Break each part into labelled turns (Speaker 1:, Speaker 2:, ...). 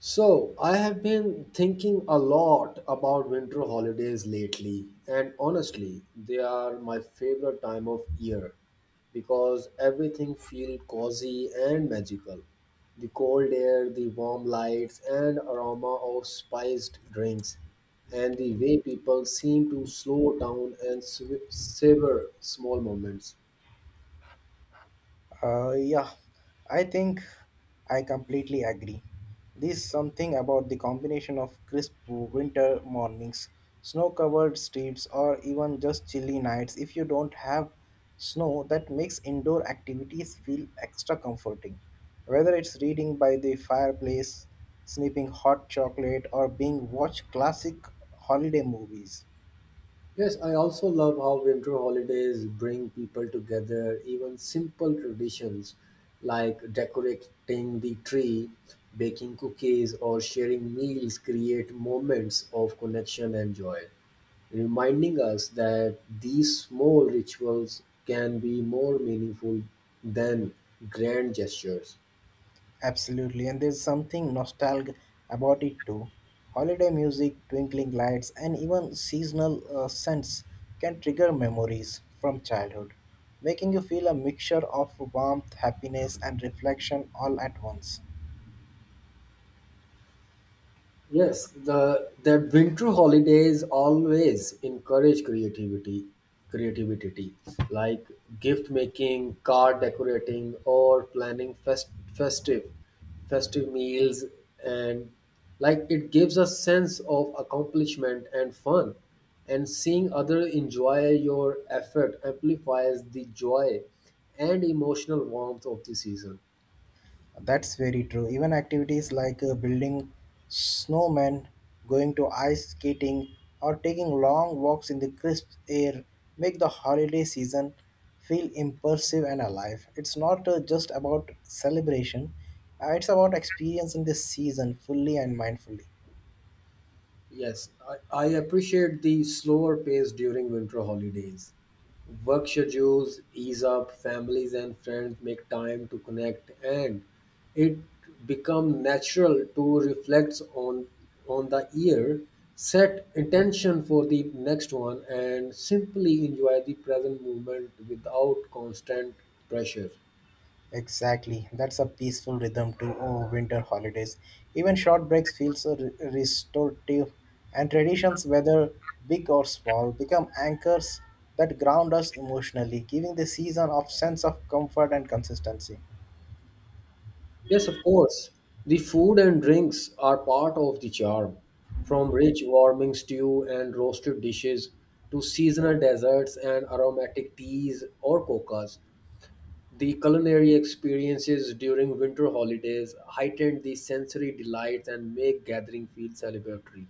Speaker 1: So, I have been thinking a lot about winter holidays lately, and honestly, they are my favorite time of year because everything feels cozy and magical. The cold air, the warm lights, and aroma of spiced drinks, and the way people seem to slow down and savor small moments.
Speaker 2: Uh, yeah, I think I completely agree. There's something about the combination of crisp winter mornings, snow covered streets, or even just chilly nights if you don't have snow that makes indoor activities feel extra comforting. Whether it's reading by the fireplace, snipping hot chocolate, or being watch classic holiday movies.
Speaker 1: Yes, I also love how winter holidays bring people together. Even simple traditions like decorating the tree, baking cookies, or sharing meals create moments of connection and joy, reminding us that these small rituals can be more meaningful than grand gestures.
Speaker 2: Absolutely, and there's something nostalgic about it too. Holiday music, twinkling lights, and even seasonal scents can trigger memories from childhood, making you feel a mixture of warmth, happiness, and reflection all at once.
Speaker 1: Yes, the that winter holidays always encourage creativity, creativity, like gift making, card decorating, or planning festive meals, and like it gives a sense of accomplishment and fun. And seeing other enjoy your effort amplifies the joy and emotional warmth of the season.
Speaker 2: That's very true. Even activities like building snowmen, going to ice skating, or taking long walks in the crisp air make the holiday season feel immersive and alive. It's not just about celebration, it's about experiencing the season fully and mindfully.
Speaker 1: Yes, I appreciate the slower pace during winter holidays. Work schedules ease up, families and friends make time to connect, and it become natural to reflect on the year, set intention for the next one, and simply enjoy the present moment without constant pressure.
Speaker 2: Exactly. That's a peaceful rhythm to winter holidays. Even short breaks feel so restorative, and traditions, whether big or small, become anchors that ground us emotionally, giving the season a sense of comfort and consistency.
Speaker 1: Yes, of course. The food and drinks are part of the charm. From rich warming stew and roasted dishes to seasonal desserts and aromatic teas or coccas, the culinary experiences during winter holidays heighten the sensory delights and make gathering feel celebratory.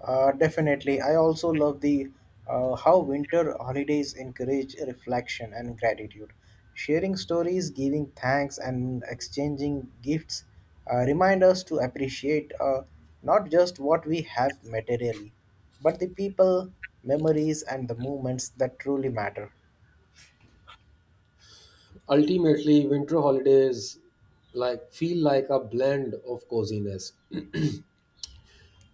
Speaker 2: Definitely. I also love the how winter holidays encourage reflection and gratitude. Sharing stories, giving thanks, and exchanging gifts remind us to appreciate not just what we have materially, but the people, memories, and the moments that truly matter.
Speaker 1: Ultimately, winter holidays like feel like a blend of coziness,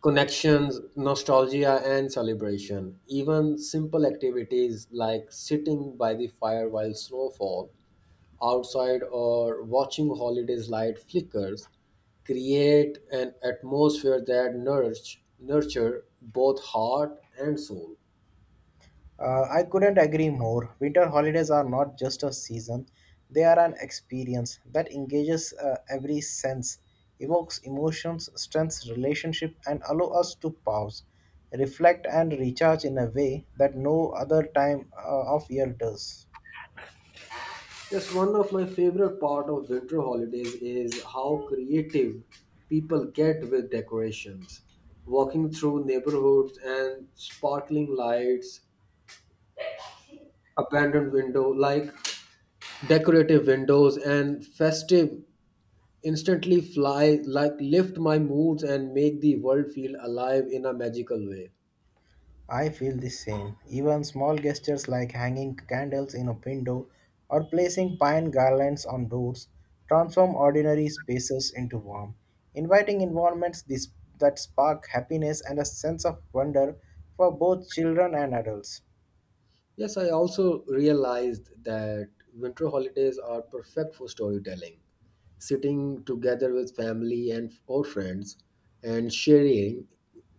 Speaker 1: connections, nostalgia, and celebration. Even simple activities like sitting by the fire while snowfall outside or watching holidays light flickers create an atmosphere that nurture both heart and soul.
Speaker 2: I couldn't agree more. Winter holidays are not just a season, they are an experience that engages every sense, evokes emotions, strengthens relationship, and allow us to pause, reflect, and recharge in a way that no other time of year does.
Speaker 1: Yes, one of my favorite part of winter holidays is how creative people get with decorations. Walking through neighborhoods and sparkling lights abandoned window like decorative windows and festive instantly fly like lift my moods and make the world feel alive in a magical way.
Speaker 2: I feel the same. Even small gestures like hanging candles in a window or placing pine garlands on doors transform ordinary spaces into warm, inviting environments that spark happiness and a sense of wonder for both children and adults.
Speaker 1: Yes, I also realized that winter holidays are perfect for storytelling. Sitting together with family and or friends and sharing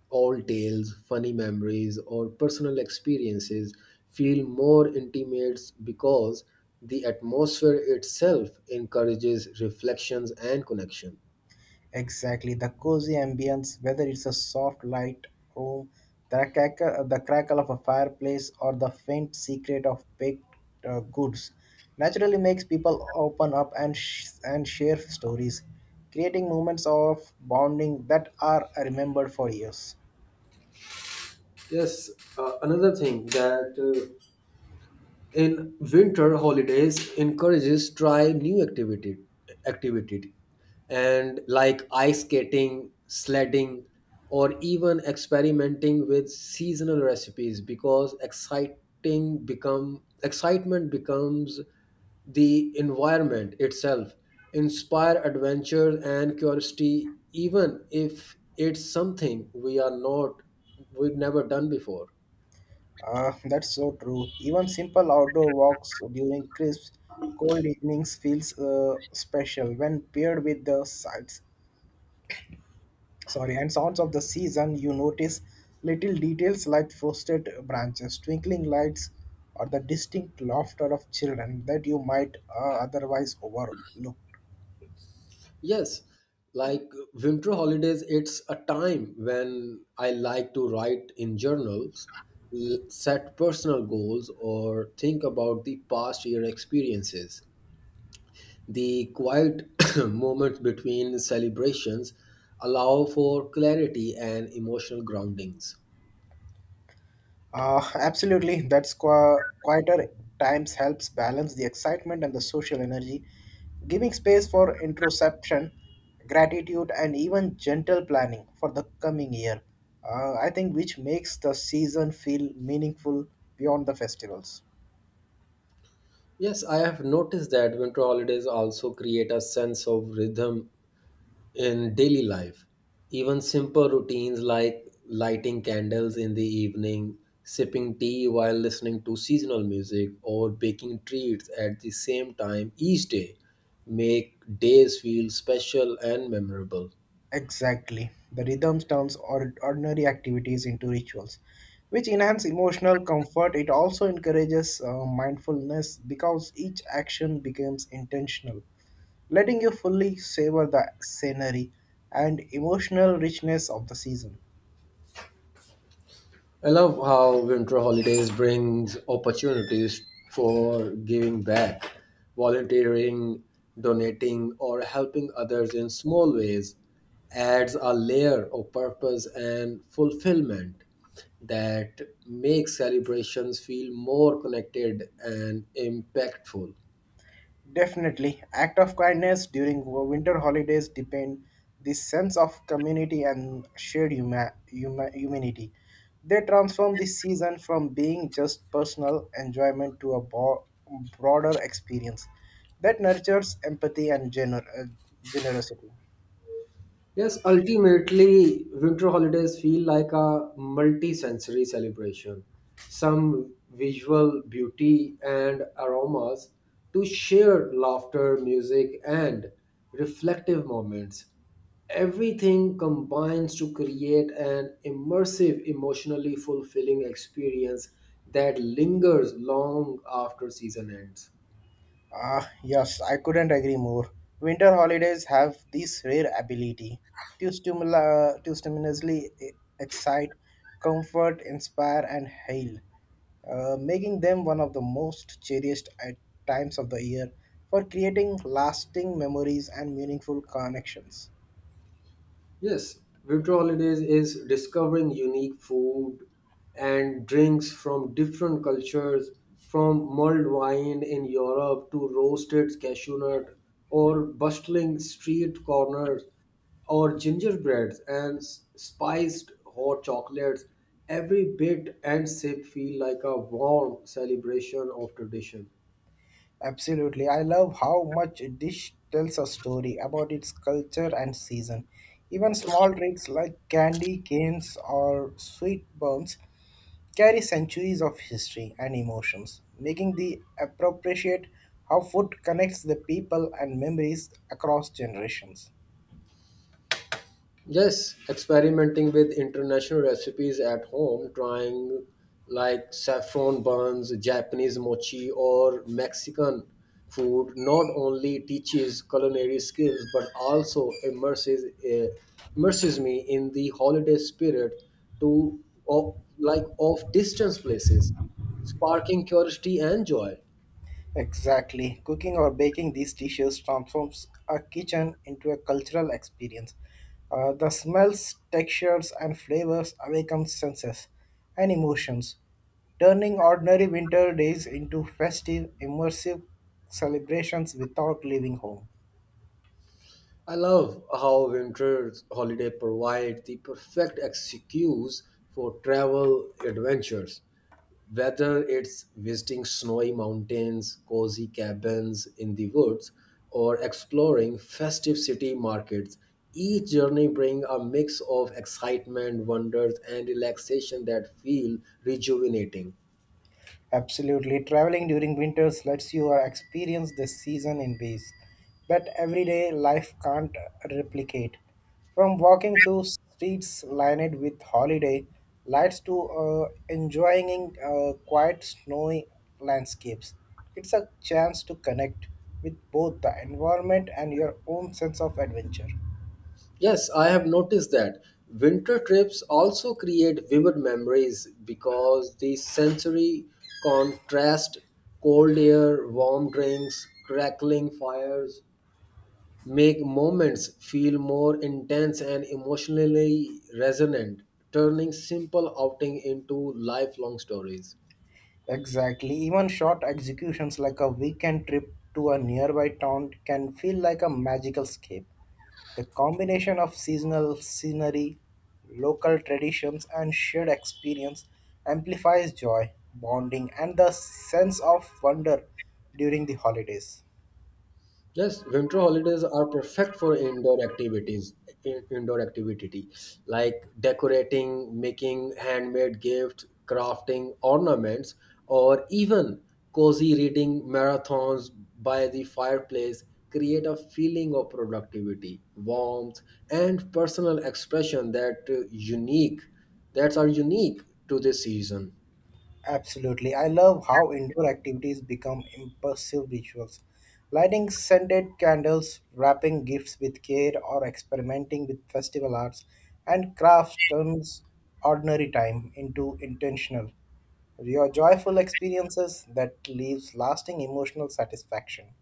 Speaker 1: old tales, funny memories or personal experiences feel more intimate because the atmosphere itself encourages reflections and connection.
Speaker 2: Exactly, the cozy ambience, whether it's a soft light room, the crackle of a fireplace, or the faint secret of baked goods, naturally makes people open up and share stories, creating moments of bonding that are remembered for years.
Speaker 1: Yes, another thing that in winter holidays encourages try new activity and like ice skating sledding or even experimenting with seasonal recipes because exciting become excitement becomes the environment itself inspire adventure and curiosity even if it's something we are not we've never done before.
Speaker 2: Ah, that's so true. Even simple outdoor walks during crisp, cold evenings feels special when paired with the sights sorry and sounds of the season. You notice little details like frosted branches, twinkling lights, or the distinct laughter of children that you might otherwise overlook.
Speaker 1: Yes, like winter holidays, it's a time when I like to write in journals, set personal goals, or think about the past year experiences. The quiet moments between celebrations allow for clarity and emotional groundings.
Speaker 2: Absolutely, that's quieter times helps balance the excitement and the social energy, giving space for introspection, gratitude, and even gentle planning for the coming year. I think which makes the season feel meaningful beyond the festivals.
Speaker 1: Yes, I have noticed that winter holidays also create a sense of rhythm in daily life. Even simple routines like lighting candles in the evening, sipping tea while listening to seasonal music, or baking treats at the same time each day make days feel special and memorable.
Speaker 2: Exactly. The rhythms turns ordinary activities into rituals, which enhance emotional comfort. It also encourages mindfulness because each action becomes intentional, letting you fully savor the scenery and emotional richness of the season.
Speaker 1: I love how winter holidays brings opportunities for giving back, volunteering, donating, or helping others in small ways adds a layer of purpose and fulfillment that makes celebrations feel more connected and impactful.
Speaker 2: Definitely, act of kindness during winter holidays depend this sense of community and shared humanity. They transform this season from being just personal enjoyment to a broader experience that nurtures empathy and generosity.
Speaker 1: Yes, ultimately, winter holidays feel like a multi-sensory celebration. Some visual beauty and aromas to shared laughter, music, and reflective moments. Everything combines to create an immersive, emotionally fulfilling experience that lingers long after season ends.
Speaker 2: Ah, yes, I couldn't agree more. Winter holidays have this rare ability to excite, comfort, inspire, and heal, making them one of the most cherished at times of the year for creating lasting memories and meaningful connections.
Speaker 1: Yes, winter holidays is discovering unique food and drinks from different cultures, from mulled wine in Europe to roasted cashew nut or bustling street corners or gingerbreads and spiced hot chocolates. Every bit and sip feel like a warm celebration of tradition.
Speaker 2: Absolutely. I love how much a dish tells a story about its culture and season. Even small tricks like candy canes or sweet buns carry centuries of history and emotions, making the appropriate how food connects the people and memories across generations.
Speaker 1: Yes, experimenting with international recipes at home, trying like saffron buns, Japanese mochi, or Mexican food not only teaches culinary skills but also immerses me in the holiday spirit to of, like of distant places, sparking curiosity and joy.
Speaker 2: Exactly. Cooking or baking these dishes transforms a kitchen into a cultural experience. The smells, textures, and flavors awaken senses and emotions, turning ordinary winter days into festive, immersive celebrations without leaving home.
Speaker 1: I love how winter holiday provide the perfect excuse for travel adventures. Whether it's visiting snowy mountains, cozy cabins in the woods, or exploring festive city markets, each journey brings a mix of excitement, wonders, and relaxation that feel rejuvenating.
Speaker 2: Absolutely. Traveling during winters lets you experience the season in ways that everyday life can't replicate. From walking through streets lined with holiday lights to enjoying quiet snowy landscapes, it's a chance to connect with both the environment and your own sense of adventure.
Speaker 1: Yes, I have noticed that winter trips also create vivid memories because the sensory contrast, cold air, warm drinks, crackling fires, make moments feel more intense and emotionally resonant, turning simple outing into lifelong stories.
Speaker 2: Exactly. Even short executions like a weekend trip to a nearby town can feel like a magical escape. The combination of seasonal scenery, local traditions, and shared experience amplifies joy, bonding, and the sense of wonder during the holidays.
Speaker 1: Yes, winter holidays are perfect for indoor activities, indoor activity like decorating, making handmade gifts, crafting ornaments, or even cozy reading marathons by the fireplace create a feeling of productivity, warmth, and personal expression that that are unique to this season.
Speaker 2: Absolutely. I love how indoor activities become immersive rituals. Lighting scented candles, wrapping gifts with care, or experimenting with festival arts and crafts turns ordinary time into intentional, your joyful experiences that leaves lasting emotional satisfaction.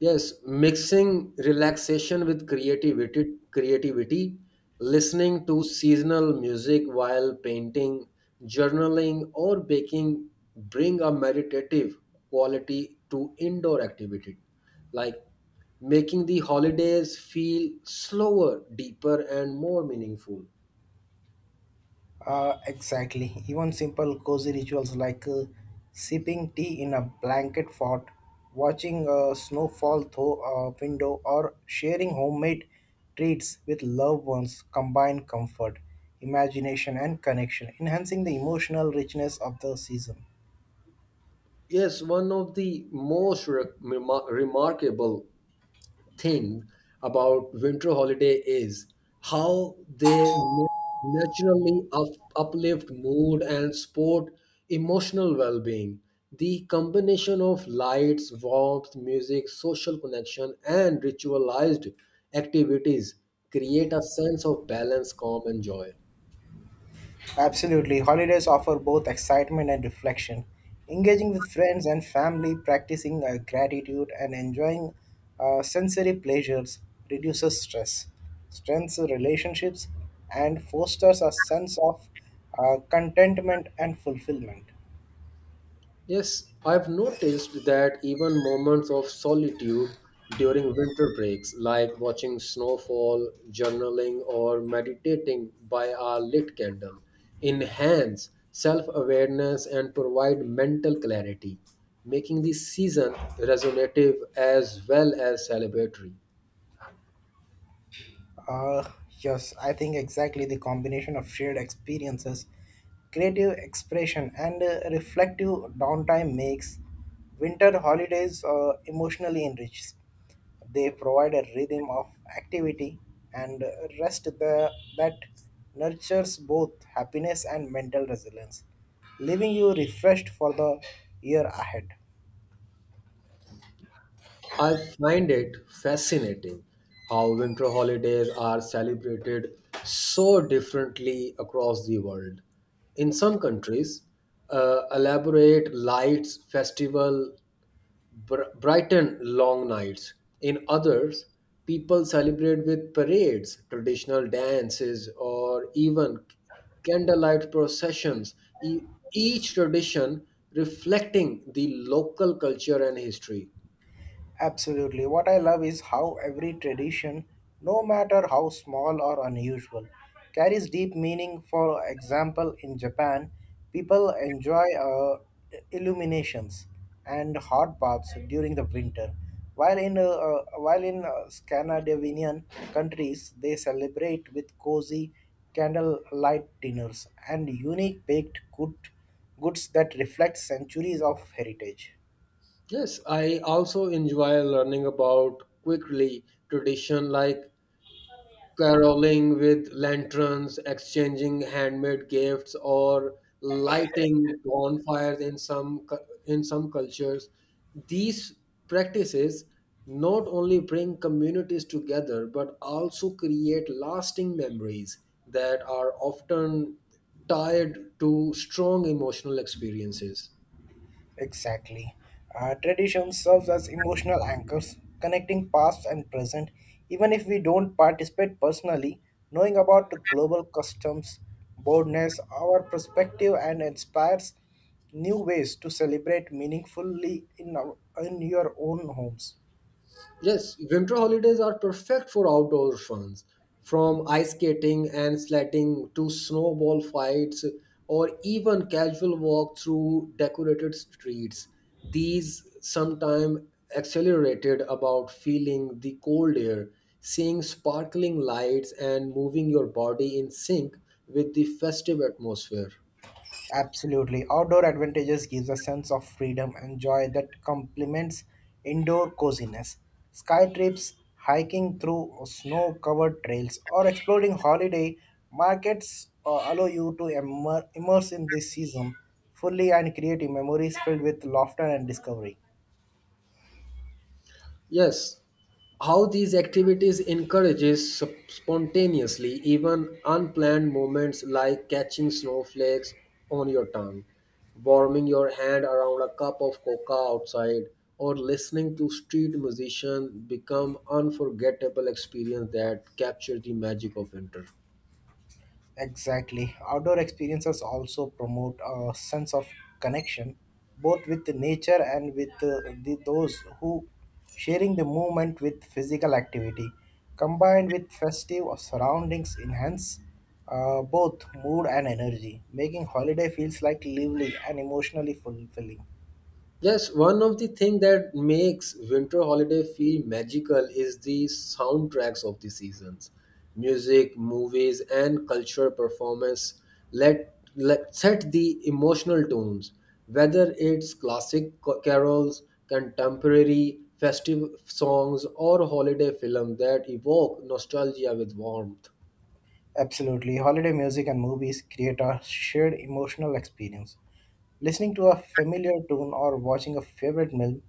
Speaker 1: Yes, mixing relaxation with creativity, creativity, listening to seasonal music while painting, journaling, or baking bring a meditative quality to indoor activity, like making the holidays feel slower, deeper, and more meaningful.
Speaker 2: Exactly. Even simple cozy rituals like sipping tea in a blanket fort, watching snowfall through a window, or sharing homemade treats with loved ones combine comfort, imagination, and connection, enhancing the emotional richness of the season.
Speaker 1: Yes, one of the most remarkable thing about winter holiday is how they naturally uplift mood and support emotional well-being. The combination of lights, warmth, music, social connection, and ritualized activities create a sense of balance, calm, and joy.
Speaker 2: Absolutely, holidays offer both excitement and reflection. Engaging with friends and family, practicing gratitude, and enjoying sensory pleasures reduces stress, strengthens relationships, and fosters a sense of contentment and fulfillment.
Speaker 1: Yes, I've noticed that even moments of solitude during winter breaks, like watching snowfall, journaling, or meditating by a lit candle, enhance self awareness and provide mental clarity, making the season resonative as well as celebratory.
Speaker 2: Uh, yes, I think exactly the combination of shared experiences, creative expression, and reflective downtime makes winter holidays emotionally enriched. They provide a rhythm of activity and rest that nurtures both happiness and mental resilience, leaving you refreshed for the year ahead.
Speaker 1: I find it fascinating how winter holidays are celebrated so differently across the world. In some countries, elaborate lights festival brighten long nights. In others, people celebrate with parades, traditional dances, or even candlelight processions, each tradition reflecting the local culture and history.
Speaker 2: Absolutely. What I love is how every tradition, no matter how small or unusual, carries deep meaning. For example, in Japan, people enjoy illuminations and hot baths during the winter, while in Scandinavian countries, they celebrate with cozy candlelight dinners and unique baked goods that reflect centuries of heritage.
Speaker 1: Yes, I also enjoy learning about quickly tradition like caroling with lanterns, exchanging handmade gifts, or lighting bonfires in in some cultures. These practices not only bring communities together but also create lasting memories that are often tied to strong emotional experiences.
Speaker 2: Exactly. Tradition serves as emotional anchors, connecting past and present. Even if we don't participate personally, knowing about the global customs, boldness, our perspective, and inspires new ways to celebrate meaningfully in your own homes.
Speaker 1: Yes, winter holidays are perfect for outdoor funs, from ice skating and sledding to snowball fights or even casual walk through decorated streets. These sometimes accelerated about feeling the cold air, seeing sparkling lights and moving your body in sync with the festive atmosphere.
Speaker 2: Absolutely. Outdoor advantages gives a sense of freedom and joy that complements indoor coziness. Sky trips, hiking through snow-covered trails, or exploring holiday markets allow you to immerse in this season fully and create memories filled with laughter and discovery.
Speaker 1: Yes, how these activities encourages spontaneously even unplanned movements like catching snowflakes on your tongue, warming your hand around a cup of coca outside, or listening to street musicians become unforgettable experience that capture the magic of winter.
Speaker 2: Exactly. Outdoor experiences also promote a sense of connection, both with the nature and with those who sharing the moment with physical activity. Combined with festive surroundings, enhance both mood and energy, making holiday feels like lively and emotionally fulfilling.
Speaker 1: Yes, one of the things that makes winter holiday feel magical is the soundtracks of the seasons. Music, movies, and cultural performance let set the emotional tones. Whether it's classic carols, contemporary festive songs, or holiday films that evoke nostalgia with warmth.
Speaker 2: Absolutely, holiday music and movies create a shared emotional experience. Listening to a familiar tune or watching a favorite film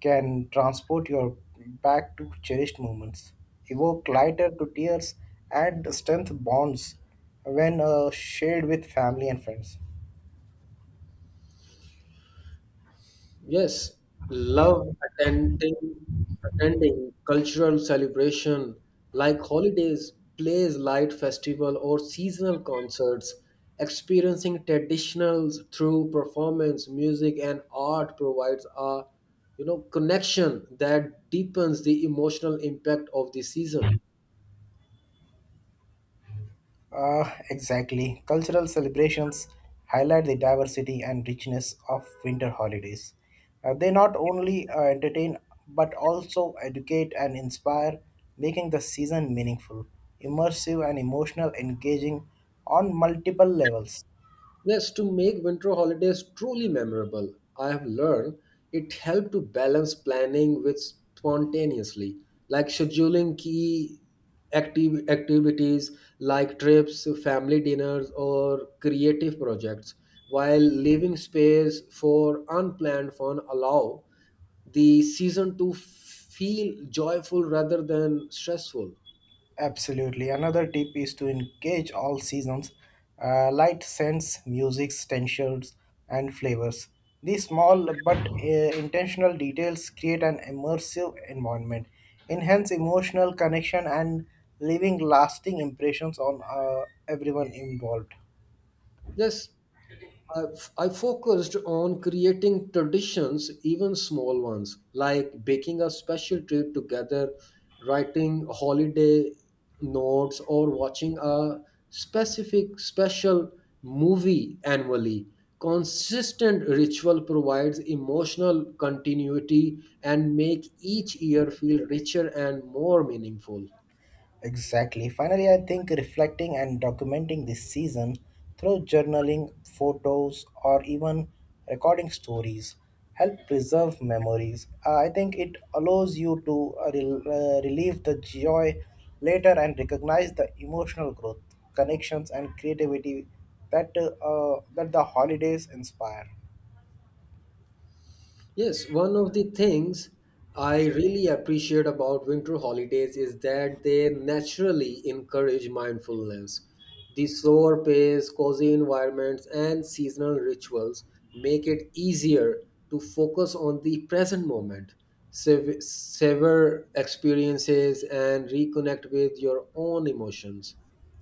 Speaker 2: can transport your back to cherished moments, evoke lighter to tears, and strength bonds when shared with family and friends.
Speaker 1: Yes, love attending attending cultural celebration like holidays, plays, light festival or seasonal concerts, experiencing traditionals through performance, music and art provides a connection that deepens the emotional impact of the season.
Speaker 2: Exactly. Cultural celebrations highlight the diversity and richness of winter holidays. They not only entertain but also educate and inspire, making the season meaningful, immersive, and emotional engaging on multiple levels.
Speaker 1: Yes, to make winter holidays truly memorable, I have learned it helped to balance planning with spontaneously, like scheduling key active activities like trips, family dinners, or creative projects, while leaving space for unplanned fun allow the season to feel joyful rather than stressful.
Speaker 2: Absolutely. Another tip is to engage all seasons, light scents, music, textures, and flavors. These small but intentional details create an immersive environment, enhance emotional connection, and leaving lasting impressions on everyone involved.
Speaker 1: Yes, I focused on creating traditions, even small ones, like baking a special treat together, writing holiday notes, or watching a specific special movie annually. Consistent ritual provides emotional continuity and make each year feel richer and more meaningful.
Speaker 2: Exactly. Finally, I think reflecting and documenting this season through journaling, photos, or even recording stories help preserve memories. I think it allows you to relieve the joy later and recognize the emotional growth, connections, and creativity that the holidays inspire.
Speaker 1: Yes, one of the things I really appreciate about winter holidays is that they naturally encourage mindfulness. The slower pace, cozy environments, and seasonal rituals make it easier to focus on the present moment, savor experiences, and reconnect with your own emotions.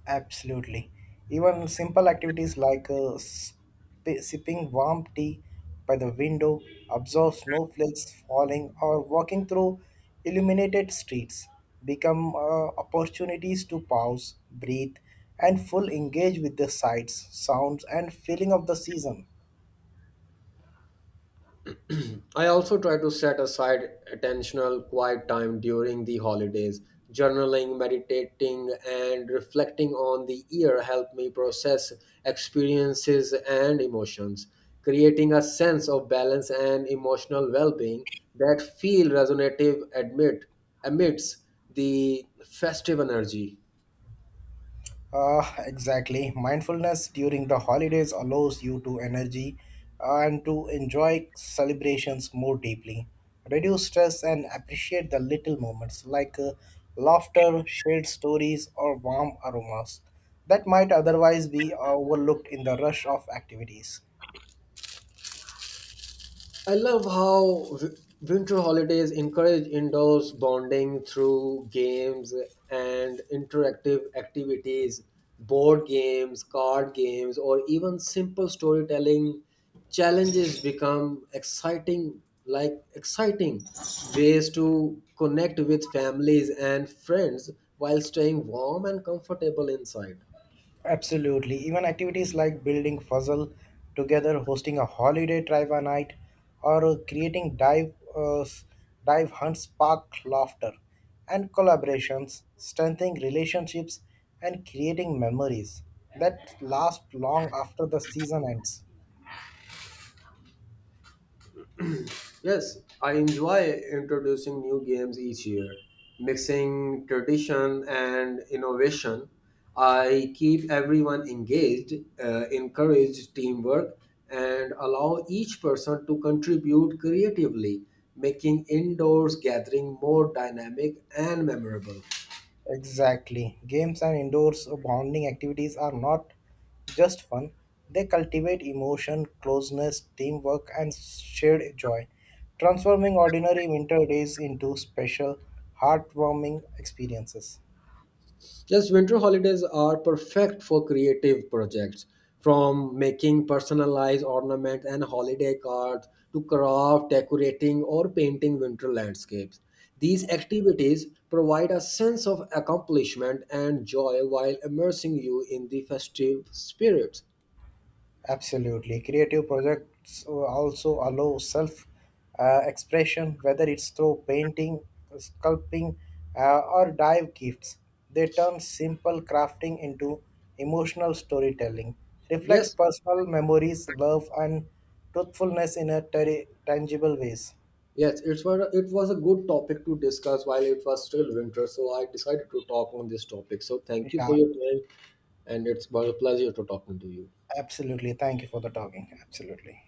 Speaker 2: Absolutely. Even simple activities like sipping warm tea by the window, observing snowflakes falling, or walking through illuminated streets become opportunities to pause, breathe, and full engage with the sights, sounds, and feeling of the season.
Speaker 1: I also try to set aside attentional quiet time during the holidays. Journaling, meditating, and reflecting on the year help me process experiences and emotions, creating a sense of balance and emotional well-being that feel resonative amidst the festive energy.
Speaker 2: Exactly. Mindfulness during the holidays allows you to energy and to enjoy celebrations more deeply, reduce stress, and appreciate the little moments like laughter, shared stories, or warm aromas that might otherwise be overlooked in the rush of activities.
Speaker 1: I love how winter holidays encourage indoors bonding through games and interactive activities, board games, card games, or even simple storytelling. Challenges become exciting, like exciting ways to connect with families and friends while staying warm and comfortable inside.
Speaker 2: Absolutely. Even activities like building puzzle together, hosting a holiday drive a night, or creating dive hunts spark laughter and collaborations, strengthening relationships and creating memories that last long after the season ends.
Speaker 1: Yes, I enjoy introducing new games each year, mixing tradition and innovation. I keep everyone engaged, encourage teamwork, and allow each person to contribute creatively, making indoors gathering more dynamic and memorable.
Speaker 2: Exactly. Games and indoors bonding activities are not just fun, they cultivate emotion, closeness, teamwork, and shared joy, transforming ordinary winter days into special, heartwarming experiences.
Speaker 1: Yes, winter holidays are perfect for creative projects, from making personalized ornaments and holiday cards to craft, decorating, or painting winter landscapes. These activities provide a sense of accomplishment and joy while immersing you in the festive spirit.
Speaker 2: Absolutely. Creative projects also allow self expression, whether it's through painting, sculpting, or dive gifts. They turn simple crafting into emotional storytelling, reflects
Speaker 1: Yes,
Speaker 2: personal memories, love, and truthfulness in a tangible ways.
Speaker 1: yes, it was a good topic to discuss while it was still winter, so I decided to talk on this topic. So, thank you for
Speaker 2: Yeah,
Speaker 1: your time, and it's been a pleasure to talking to you.
Speaker 2: absolutely. Thank you for the talking. Absolutely.